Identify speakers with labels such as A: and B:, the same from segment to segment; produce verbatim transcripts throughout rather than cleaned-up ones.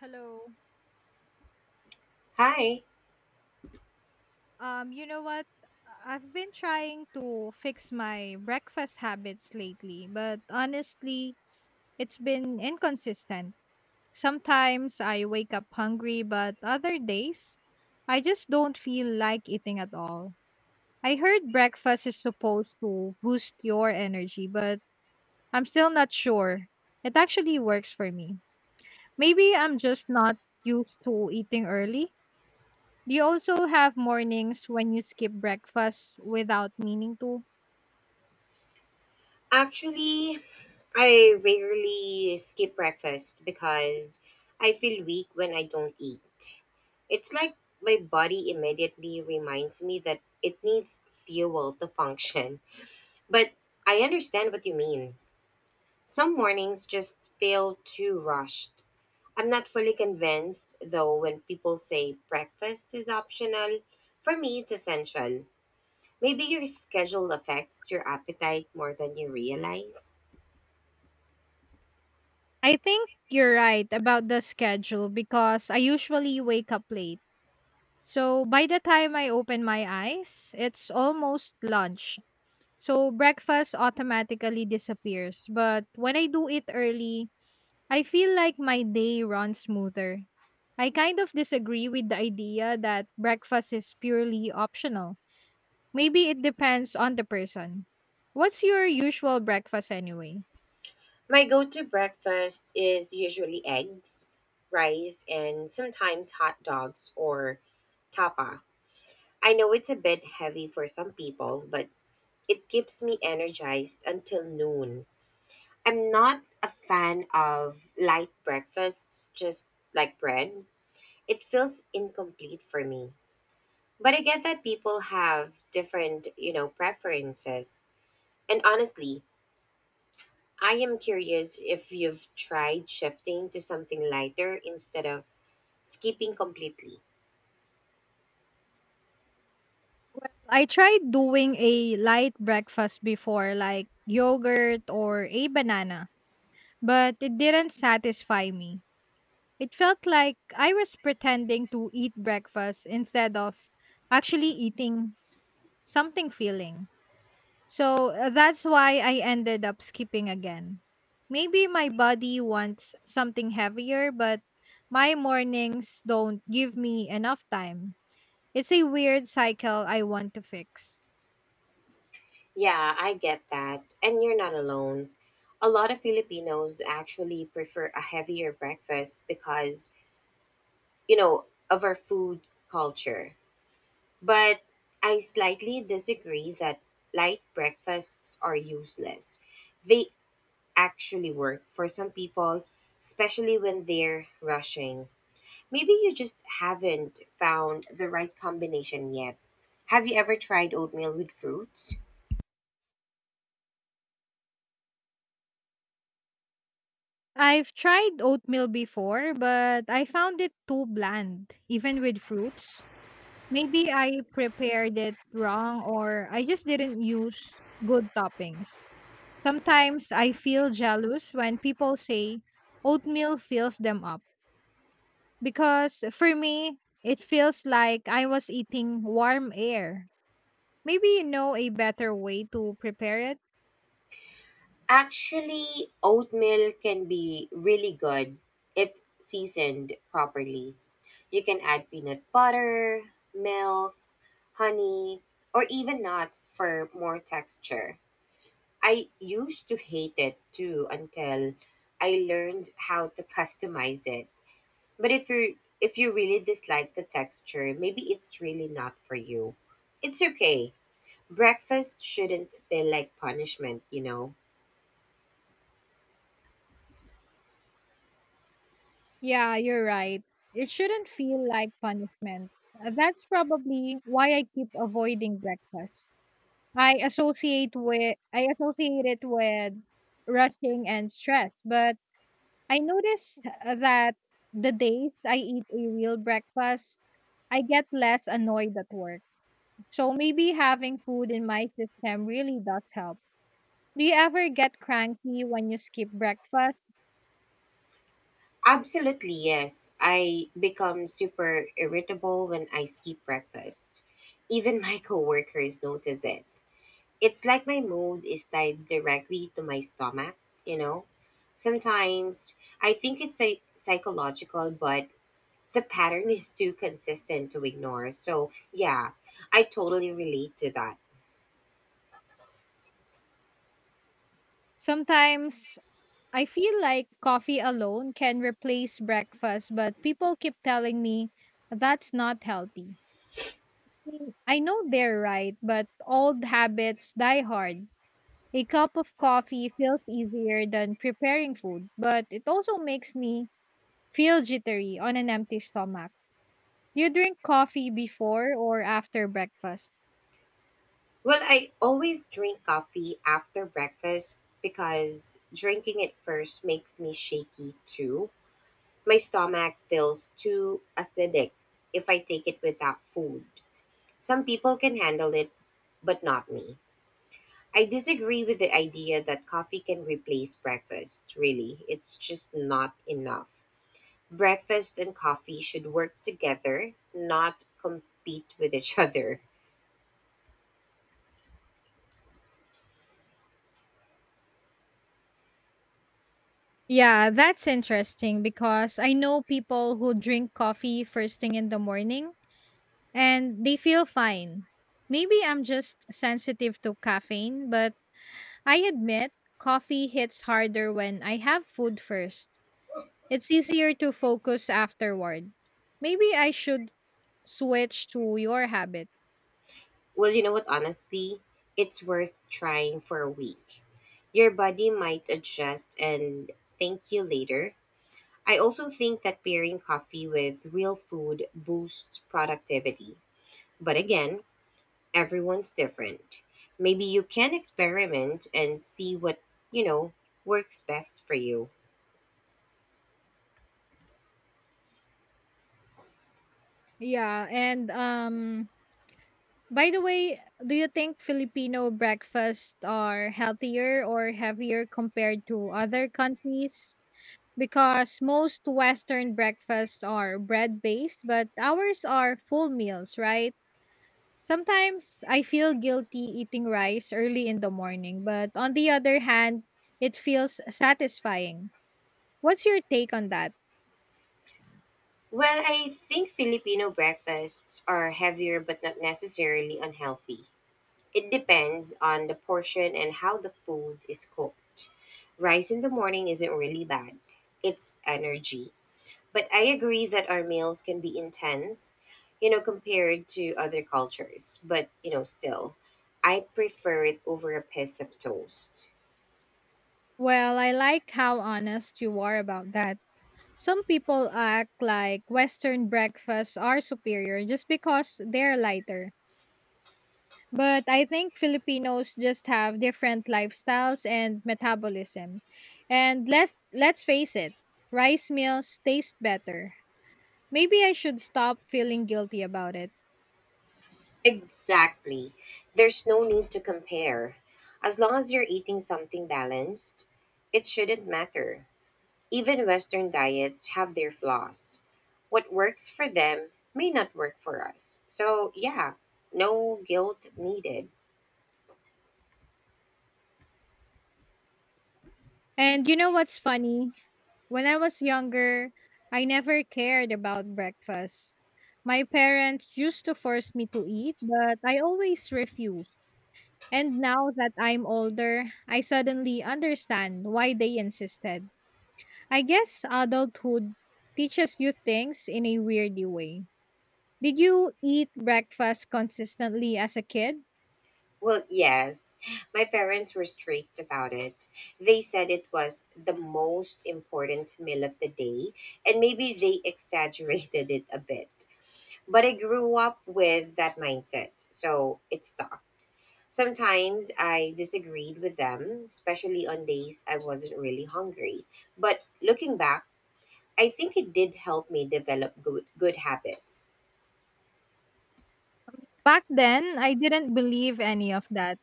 A: Hello.
B: Hi.
A: Um, you know what? I- have been trying to fix my breakfast habits lately, but honestly, it's been inconsistent. Sometimes I wake up hungry, but other days, I just don't feel like eating at all. I heard breakfast is supposed to boost your energy, but I'm still not sure. It actually works for me. Maybe I'm just not used to eating early. Do you also have mornings when you skip breakfast without meaning to?
B: Actually, I rarely skip breakfast because I feel weak when I don't eat. It's like my body immediately reminds me that it needs fuel to function. But I understand what you mean. Some mornings just feel too rushed. I'm not fully convinced, though, when people say breakfast is optional. For me, it's essential. Maybe your schedule affects your appetite more than you realize.
A: I think you're right about the schedule because I usually wake up late. So by the time I open my eyes, it's almost lunch. So breakfast automatically disappears. But when I do it early, I feel like my day runs smoother. I kind of disagree with the idea that breakfast is purely optional. Maybe it depends on the person. What's your usual breakfast anyway?
B: My go to breakfast is usually eggs, rice, and sometimes hot dogs or tapa. I know it's a bit heavy for some people, but it keeps me energized until noon. I'm not a fan of light breakfasts, just like bread. It feels incomplete for me. But I get that people have different, you know, preferences. And honestly, I am curious if you've tried shifting to something lighter instead of skipping completely.
A: I tried doing a light breakfast before, like yogurt or a banana, but it didn't satisfy me. It felt like I was pretending to eat breakfast instead of actually eating something filling. So uh, that's why I ended up skipping again. Maybe my body wants something heavier, but my mornings don't give me enough time. It's a weird cycle I want to fix.
B: Yeah, I get that. And you're not alone. A lot of Filipinos actually prefer a heavier breakfast because, you know, of our food culture. But I slightly disagree that light breakfasts are useless. They actually work for some people, especially when they're rushing. Maybe you just haven't found the right combination yet. Have you ever tried oatmeal with fruits?
A: I've tried oatmeal before, but I found it too bland, even with fruits. Maybe I prepared it wrong or I just didn't use good toppings. Sometimes I feel jealous when people say oatmeal fills them up. Because for me, it feels like I was eating warm air. Maybe you know a better way to prepare it?
B: Actually, oatmeal can be really good if seasoned properly. You can add peanut butter, milk, honey, or even nuts for more texture. I used to hate it too until I learned how to customize it. But if you if you really dislike the texture, maybe it's really not for you. It's okay. Breakfast shouldn't feel like punishment, you know.
A: Yeah, you're right. It shouldn't feel like punishment. Uh, That's probably why I keep avoiding breakfast. I associate with I associate it with rushing and stress, but I notice uh, that the days I eat a real breakfast, I get less annoyed at work. So maybe having food in my system really does help. Do you ever get cranky when you skip breakfast?
B: Absolutely, yes. I become super irritable when I skip breakfast. Even my coworkers notice it. It's like my mood is tied directly to my stomach, you know. Sometimes I think it's a psychological, but the pattern is too consistent to ignore. So, yeah, I totally relate to that.
A: Sometimes I feel like coffee alone can replace breakfast, but people keep telling me that's not healthy. Mm, I know they're right, but old habits die hard. A cup of coffee feels easier than preparing food, but it also makes me feel jittery on an empty stomach. Do you drink coffee before or after breakfast?
B: Well, I always drink coffee after breakfast because drinking it first makes me shaky too. My stomach feels too acidic if I take it without food. Some people can handle it, but not me. I disagree with the idea that coffee can replace breakfast, really. It's just not enough. Breakfast and coffee should work together, not compete with each other.
A: Yeah, that's interesting because I know people who drink coffee first thing in the morning and they feel fine. Maybe I'm just sensitive to caffeine, but I admit coffee hits harder when I have food first. It's easier to focus afterward. Maybe I should switch to your habit.
B: Well, you know what, honestly, it's worth trying for a week. Your body might adjust and thank you later. I also think that pairing coffee with real food boosts productivity. But again, everyone's different. Maybe you can experiment and see what, you know, works best for you.
A: Yeah, and um by the way, do you think Filipino breakfasts are healthier or heavier compared to other countries? Because most Western breakfasts are bread based, but ours are full meals, right? Sometimes I feel guilty eating rice early in the morning, but on the other hand, it feels satisfying. What's your take on that?
B: Well, I think Filipino breakfasts are heavier but not necessarily unhealthy. It depends on the portion and how the food is cooked. Rice in the morning isn't really bad, it's energy. But I agree that our meals can be intense, you know, compared to other cultures. But, you know, still, I prefer it over a piece of toast.
A: Well, I like how honest you are about that. Some people act like Western breakfasts are superior just because they're lighter. But I think Filipinos just have different lifestyles and metabolism. And let's let's face it, rice meals taste better. Maybe I should stop feeling guilty about it.
B: Exactly. There's no need to compare. As long as you're eating something balanced, it shouldn't matter. Even Western diets have their flaws. What works for them may not work for us. So, yeah, no guilt needed.
A: And you know what's funny? When I was younger, I never cared about breakfast. My parents used to force me to eat, but I always refused. And now that I'm older, I suddenly understand why they insisted. I guess adulthood teaches you things in a weirdy way. Did you eat breakfast consistently as a kid?
B: Well, yes, my parents were strict about it. They said it was the most important meal of the day, and maybe they exaggerated it a bit. But I grew up with that mindset, so it stuck. Sometimes I disagreed with them, especially on days I wasn't really hungry. But looking back, I think it did help me develop good, good habits.
A: Back then, I didn't believe any of that.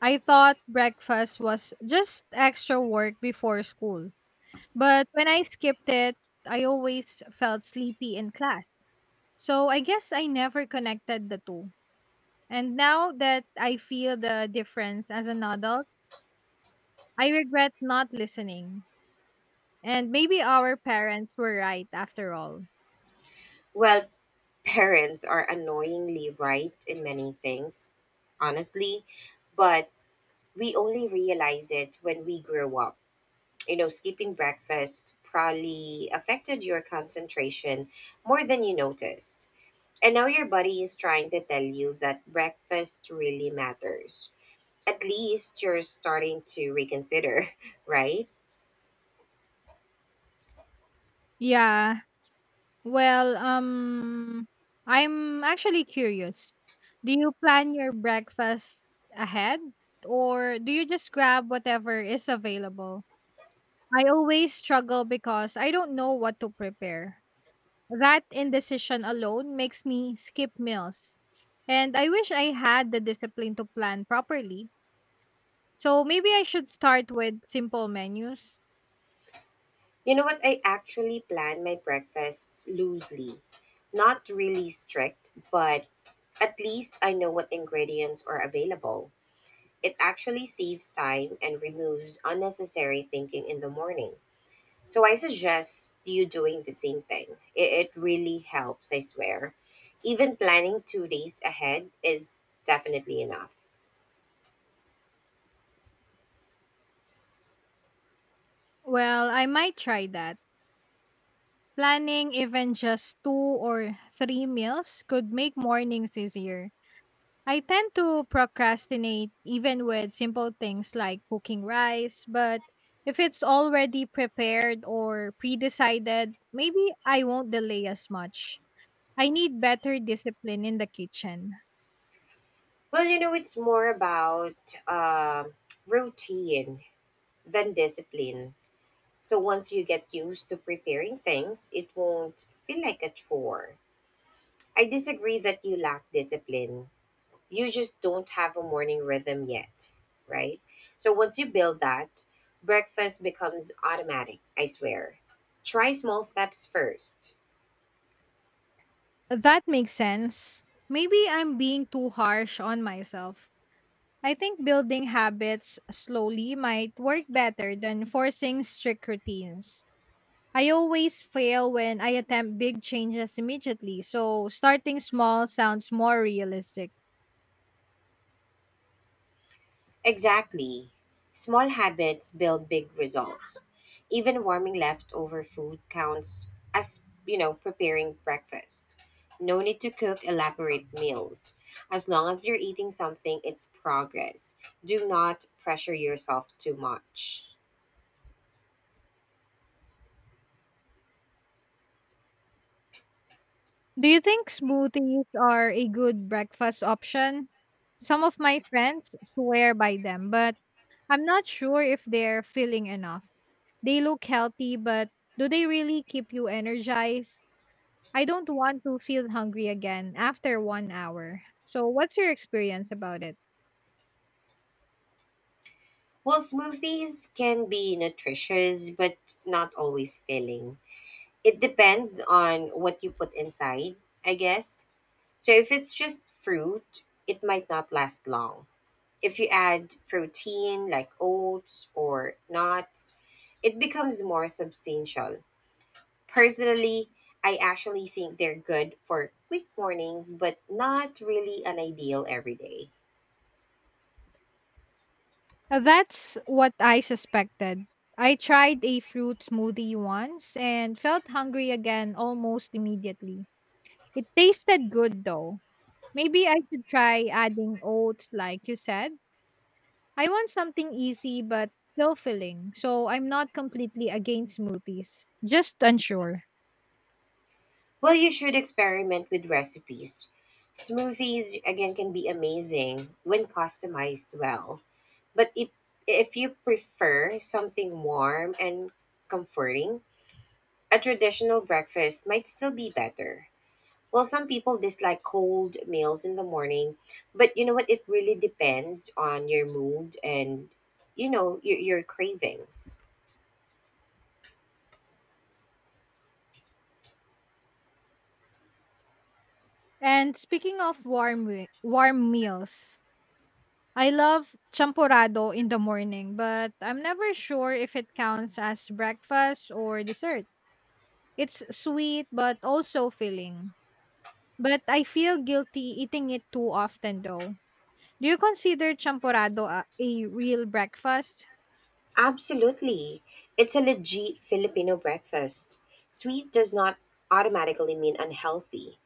A: I thought breakfast was just extra work before school. But when I skipped it, I always felt sleepy in class. So I guess I never connected the two. And now that I feel the difference as an adult, I regret not listening. And maybe our parents were right after all.
B: Well, parents are annoyingly right in many things, honestly, but we only realize it when we grow up. You know, skipping breakfast probably affected your concentration more than you noticed. And now your body is trying to tell you that breakfast really matters. At least you're starting to reconsider, right?
A: Yeah. Well, um I'm actually curious. Do you plan your breakfast ahead or do you just grab whatever is available? I always struggle because I don't know what to prepare. That indecision alone makes me skip meals. And I wish I had the discipline to plan properly. So maybe I should start with simple menus.
B: You know what? I actually plan my breakfasts loosely. Not really strict, but at least I know what ingredients are available. It actually saves time and removes unnecessary thinking in the morning. So I suggest you doing the same thing. It, it really helps, I swear. Even planning two days ahead is definitely enough.
A: Well, I might try that. Planning even just two or three meals could make mornings easier. I tend to procrastinate even with simple things like cooking rice, but if it's already prepared or pre decided, maybe I won't delay as much. I need better discipline in the kitchen.
B: Well, you know, it's more about uh, routine than discipline. So once you get used to preparing things, it won't feel like a chore. I disagree that you lack discipline you just don't have a morning rhythm yet, right? So once you build that, breakfast becomes automatic, I swear. Try small steps first.
A: That makes sense. Maybe I'm being too harsh on myself. I think building habits slowly might work better than forcing strict routines. I always fail when I attempt big changes immediately, so starting small sounds more realistic.
B: Exactly. Small habits build big results. Even warming leftover food counts as, you know, preparing breakfast. No need to cook elaborate meals. As long as you're eating something, it's progress. Do not pressure yourself too much.
A: Do you think smoothies are a good breakfast option? Some of my friends swear by them, but I'm not sure if they're feeling enough. They look healthy, but do they really keep you energized? I don't want to feel hungry again after one hour. So, what's your experience about it?
B: Well, smoothies can be nutritious, but not always filling. It depends on what you put inside, I guess. So, if it's just fruit, it might not last long. If you add protein like oats or nuts, it becomes more substantial. Personally, I actually think they're good for quick mornings, but not really an ideal every day.
A: Uh, That's what I suspected. I tried a fruit smoothie once and felt hungry again almost immediately. It tasted good though. Maybe I should try adding oats, like you said. I want something easy but still filling, so I'm not completely against smoothies, just unsure.
B: Well, you should experiment with recipes. Smoothies, again, can be amazing when customized well. But if, if you prefer something warm and comforting, a traditional breakfast might still be better. Well, some people dislike cold meals in the morning, but you know what? It really depends on your mood and, you know, your, your cravings.
A: And speaking of warm wi- warm meals, I love champorado in the morning, but I'm never sure if it counts as breakfast or dessert. It's sweet but also filling. But I feel guilty eating it too often though. Do you consider champorado a, a real breakfast?
B: Absolutely. It's a legit Filipino breakfast. Sweet does not automatically mean unhealthy.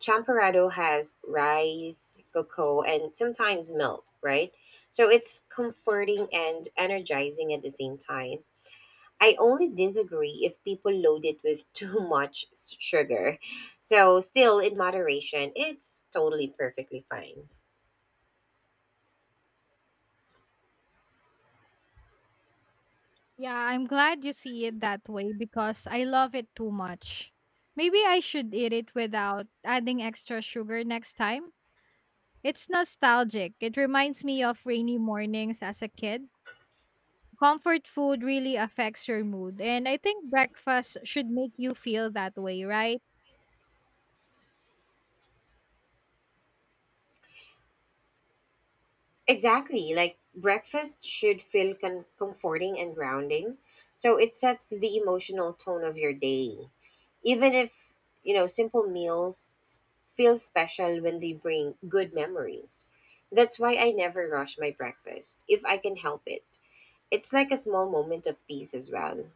B: Champorado has rice, cocoa, and sometimes milk, right? So it's comforting and energizing at the same time. I only disagree if people load it with too much s- sugar. So, still in moderation, it's totally perfectly fine.
A: Yeah, I'm glad you see it that way because I love it too much. Maybe I should eat it without adding extra sugar next time. It's nostalgic. It reminds me of rainy mornings as a kid. Comfort food really affects your mood, and I think breakfast should make you feel that way, right?
B: Exactly. Like breakfast should feel con- comforting and grounding. So it sets the emotional tone of your day. Even if, you know, simple meals s- feel special when they bring good memories. That's why I never rush my breakfast if I can help it. It's like a small moment of peace as well.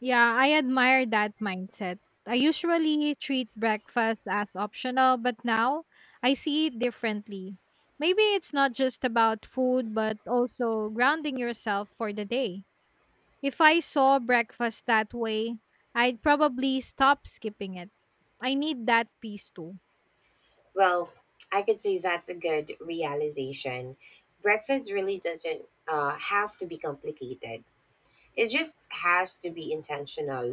A: Yeah, I admire that mindset. I usually treat breakfast as optional, but now I see it differently. Maybe it's not just about food, but also grounding yourself for the day. If I saw breakfast that way, I'd probably stop skipping it. I need that piece too.
B: Well, I could say that's a good realization. Breakfast really doesn't uh, have to be complicated. It just has to be intentional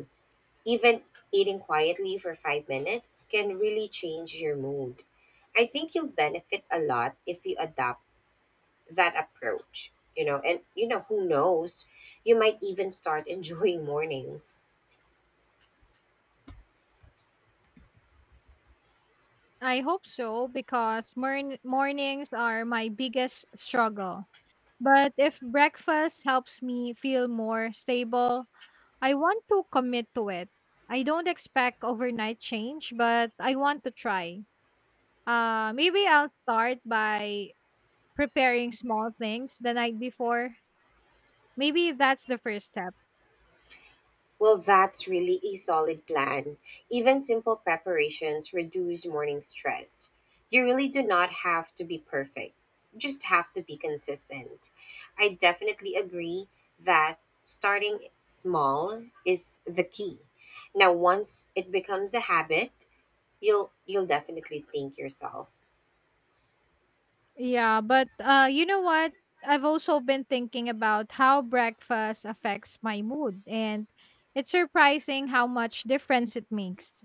B: Even eating quietly for five minutes can really change your mood. I think you'll benefit a lot if you adopt that approach, you know, and you know, who knows, you might even start enjoying mornings.
A: I hope so because morn- mornings are my biggest struggle. But if breakfast helps me feel more stable, I want to commit to it. I don't expect overnight change, but I want to try. Uh, maybe I'll start by preparing small things the night before. Maybe that's the first step.
B: Well, that's really a solid plan. Even simple preparations reduce morning stress. You really do not have to be perfect, you just have to be consistent. I definitely agree that starting small is the key. Now, once it becomes a habit, you'll you'll definitely think yourself,
A: Yeah, but uh, you know what? I've also been thinking about how breakfast affects my mood, and it's surprising how much difference it makes.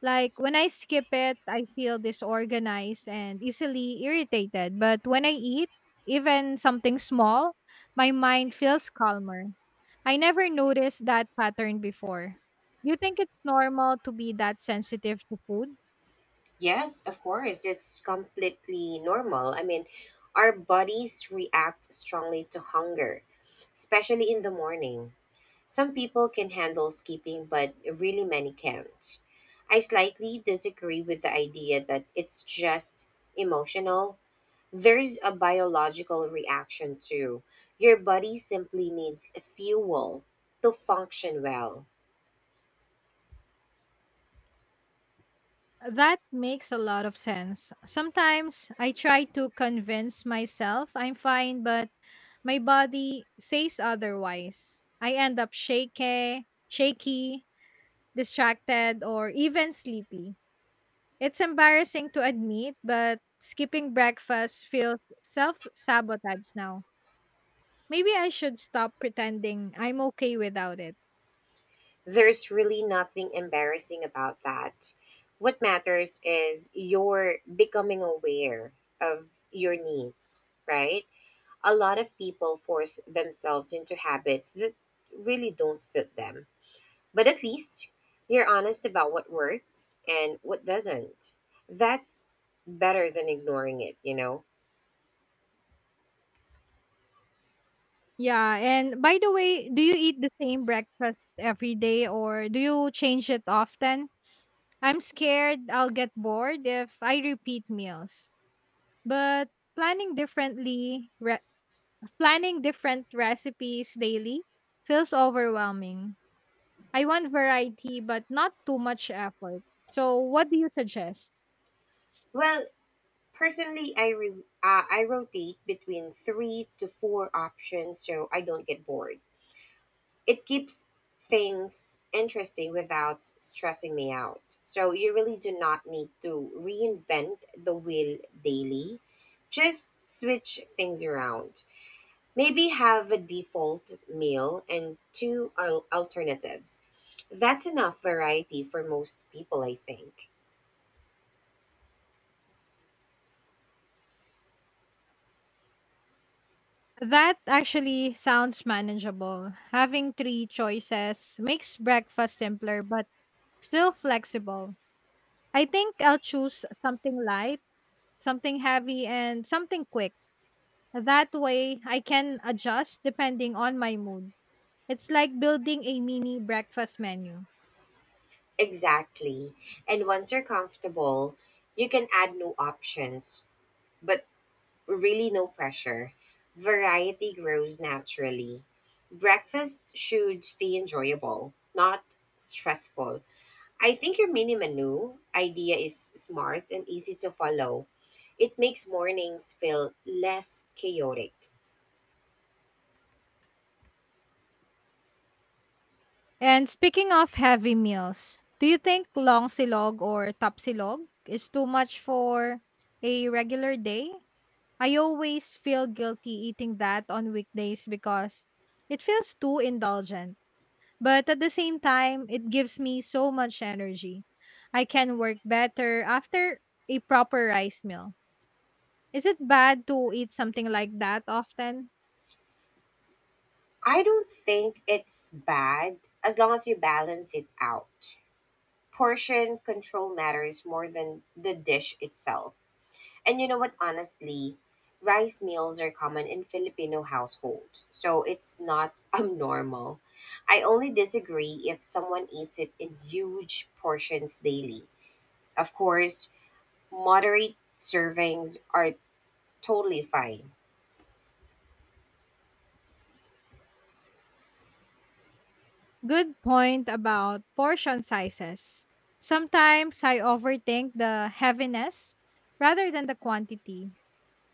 A: Like when I skip it, I feel disorganized and easily irritated. But when I eat, even something small, my mind feels calmer. I never noticed that pattern before. You think it's normal to be that sensitive to food?
B: yes, of course, it's completely normal. I mean, our bodies react strongly to hunger, especially in the morning Some people can handle skipping, but really many can't. I slightly disagree with the idea that it's just emotional. There's a biological reaction too. Your body simply needs fuel to function well.
A: That makes a lot of sense. Sometimes I try to convince myself I'm fine, but my body says otherwise. I end up shaky, shaky, distracted, or even sleepy. It's embarrassing to admit, but skipping breakfast feels self sabotage now. Maybe I should stop pretending I'm okay without it.
B: There's really nothing embarrassing about that. What matters is you're becoming aware of your needs, right? a lot of people force themselves into habits that really don't suit them. But at least you're honest about what works and what doesn't. That's better than ignoring it, you know.
A: Yeah, and by the way, do you eat the same breakfast every day or do you change it often? I'm scared I'll get bored if I repeat meals. But planning differently, re- planning different recipes daily feels overwhelming. I want variety, but not too much effort. So, what do you suggest?
B: Well, personally, I re- uh, I rotate between three to four options so I don't get bored. it keeps things interesting without stressing me out. So you really do not need to reinvent the wheel daily. Just switch things around. Maybe have a default meal and two al- alternatives. That's enough variety for most people, I think.
A: That actually sounds manageable. Having three choices makes breakfast simpler, but still flexible. I think I'll choose something light, something heavy, and something quick. That way, I can adjust depending on my mood. It's like building a mini breakfast menu.
B: Exactly. And once you're comfortable, you can add new options, but really no pressure. Variety grows naturally. Breakfast should stay enjoyable, not stressful. I think your mini menu idea is smart and easy to follow. It makes mornings feel less chaotic.
A: And speaking of heavy meals, do you think long silog or tapsilog is too much for a regular day? I always feel guilty eating that on weekdays because it feels too indulgent. But at the same time, it gives me so much energy. I can work better after a proper rice meal. Is it bad to eat something like that often?
B: I don't think it's bad as long as you balance it out. Portion control matters more than the dish itself. And you know what, honestly, rice meals are common in Filipino households, so it's not abnormal. I only disagree if someone eats it in huge portions daily. Of course, moderate servings are totally fine.
A: Good point about portion sizes. Sometimes I overthink the heaviness rather than the quantity.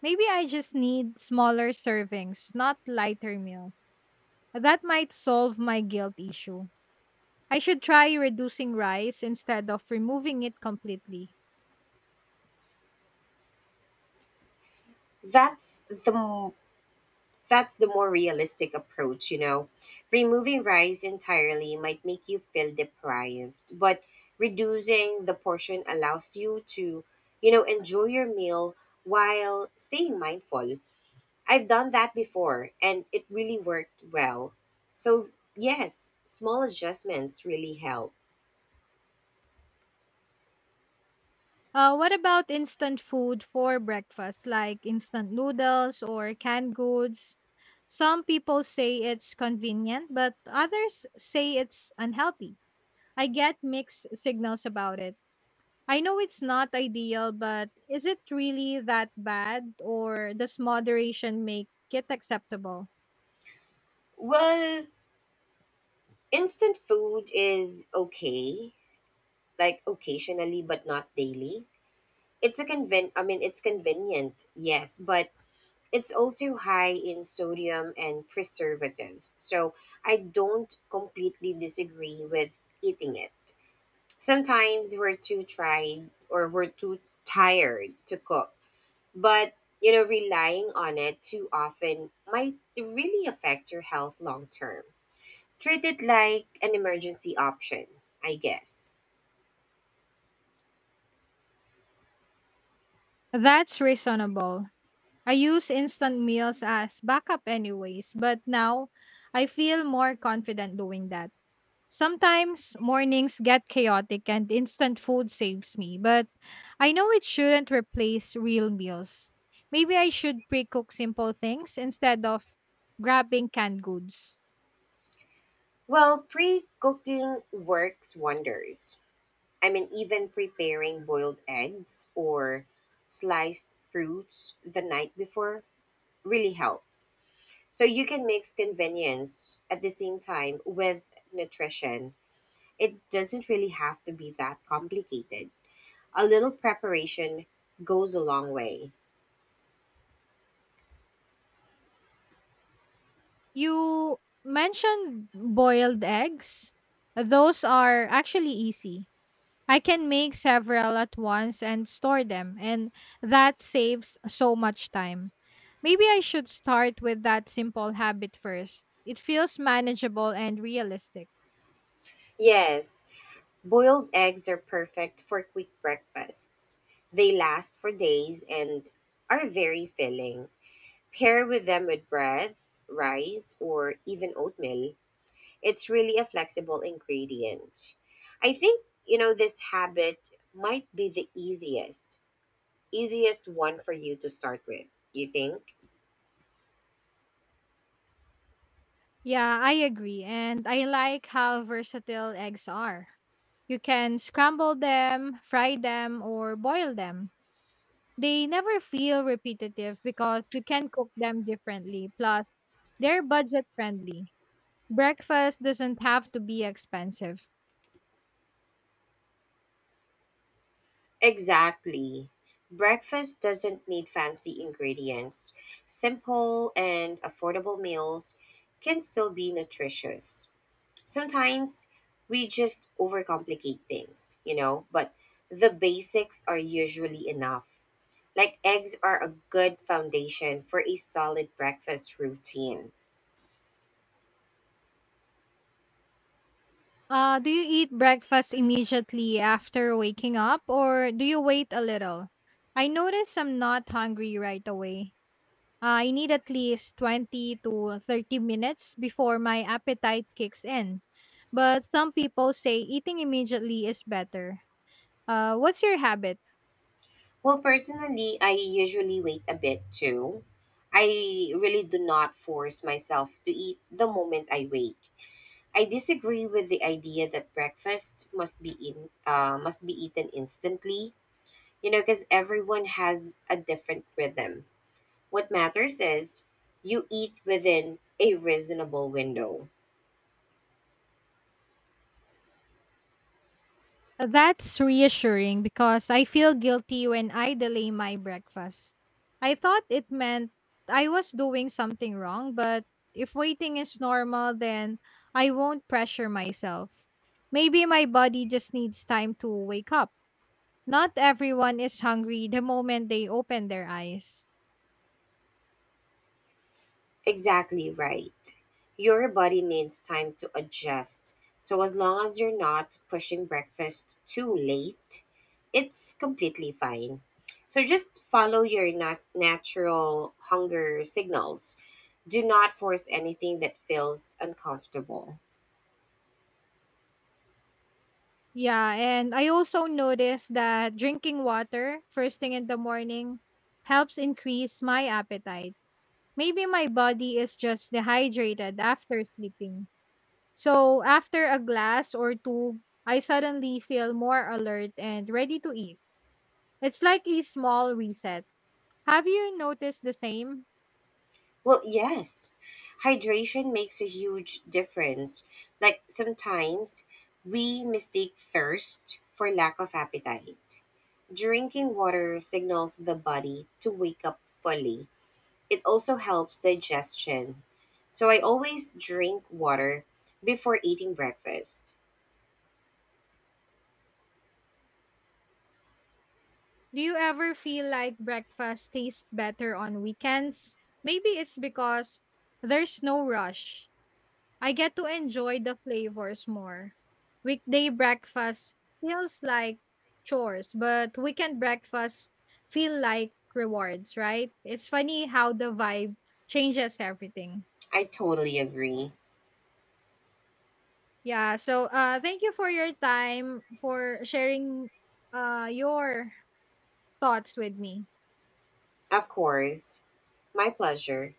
A: Maybe I just need smaller servings, not lighter meals. That might solve my guilt issue. I should try reducing rice instead of removing it completely.
B: That's the m- That's the more realistic approach, you know. Removing rice entirely might make you feel deprived, but reducing the portion allows you to, you know, enjoy your meal while staying mindful. I've done that before and it really worked well. So, yes, small adjustments really help.
A: Uh, what about instant food for breakfast, like instant noodles or canned goods? Some people say it's convenient, but others say it's unhealthy. I get mixed signals about it. I know it's not ideal, but is it really that bad or does moderation make it acceptable?
B: Well, instant food is okay, like occasionally, but not daily. It's a conven I mean, it's convenient, yes, but It's also high in sodium and preservatives, so I don't completely disagree with eating it. Sometimes we're too tried or we're too tired to cook, but you know, relying on it too often might really affect your health long term. Treat it like an emergency option, I guess.
A: That's reasonable. I use instant meals as backup anyways, but now I feel more confident doing that. Sometimes mornings get chaotic and instant food saves me, but I know it shouldn't replace real meals. Maybe I should pre cook simple things instead of grabbing canned goods.
B: Well, pre cooking works wonders. I mean, even preparing boiled eggs or sliced fruits the night before really helps. So you can mix convenience at the same time with nutrition. It doesn't really have to be that complicated. A little preparation goes a long way.
A: You mentioned boiled eggs. Those are actually easy. I can make several at once and store them, and that saves so much time. Maybe I should start with that simple habit first. It feels manageable and realistic.
B: Yes, boiled eggs are perfect for quick breakfasts. They last for days and are very filling. Pair with them with bread, rice, or even oatmeal. It's really a flexible ingredient. I think, you know, this habit might be the easiest, easiest one for you to start with. You think?
A: Yeah, I agree. And I like how versatile eggs are. You can scramble them, fry them, or boil them. They never feel repetitive because you can cook them differently. Plus, they're budget friendly. Breakfast doesn't have to be expensive.
B: Exactly. Breakfast doesn't need fancy ingredients. Simple and affordable meals can still be nutritious. sometimes we just overcomplicate things, you know, but the basics are usually enough. Like eggs are a good foundation for a solid breakfast routine.
A: Uh, do you eat breakfast immediately after waking up or do you wait a little? I notice I'm not hungry right away. Uh, I need at least twenty to thirty minutes before my appetite kicks in. But some people say eating immediately is better. Uh, what's your habit?
B: Well, personally, I usually wait a bit too. I really do not force myself to eat the moment I wake. I disagree with the idea that breakfast must be in uh, must be eaten instantly. You know, because everyone has a different rhythm What matters is you eat within a reasonable window.
A: That's reassuring because I feel guilty when I delay my breakfast. I thought it meant I was doing something wrong, but if waiting is normal, then I won't pressure myself. Maybe my body just needs time to wake up. Not everyone is hungry the moment they open their eyes.
B: Exactly right. Your body needs time to adjust. So, as long as you're not pushing breakfast too late, it's completely fine. So, just follow your nat natural hunger signals. Do not force anything that feels uncomfortable.
A: Yeah, and I also noticed that drinking water first thing in the morning helps increase my appetite. Maybe my body is just dehydrated after sleeping. So, after a glass or two, I suddenly feel more alert and ready to eat. It's like a small reset. Have you noticed the same?
B: Well, yes, hydration makes a huge difference. Like sometimes we mistake thirst for lack of appetite. Drinking water signals the body to wake up fully. It also helps digestion. So I always drink water before eating breakfast.
A: Do you ever feel like breakfast tastes better on weekends? Maybe it's because there's no rush. I get to enjoy the flavors more. Weekday breakfast feels like chores, but weekend breakfast feel like rewards, right? It's funny how the vibe changes everything.
B: I totally agree.
A: Yeah, so uh thank you for your time for sharing uh your thoughts with me.
B: Of course, my pleasure.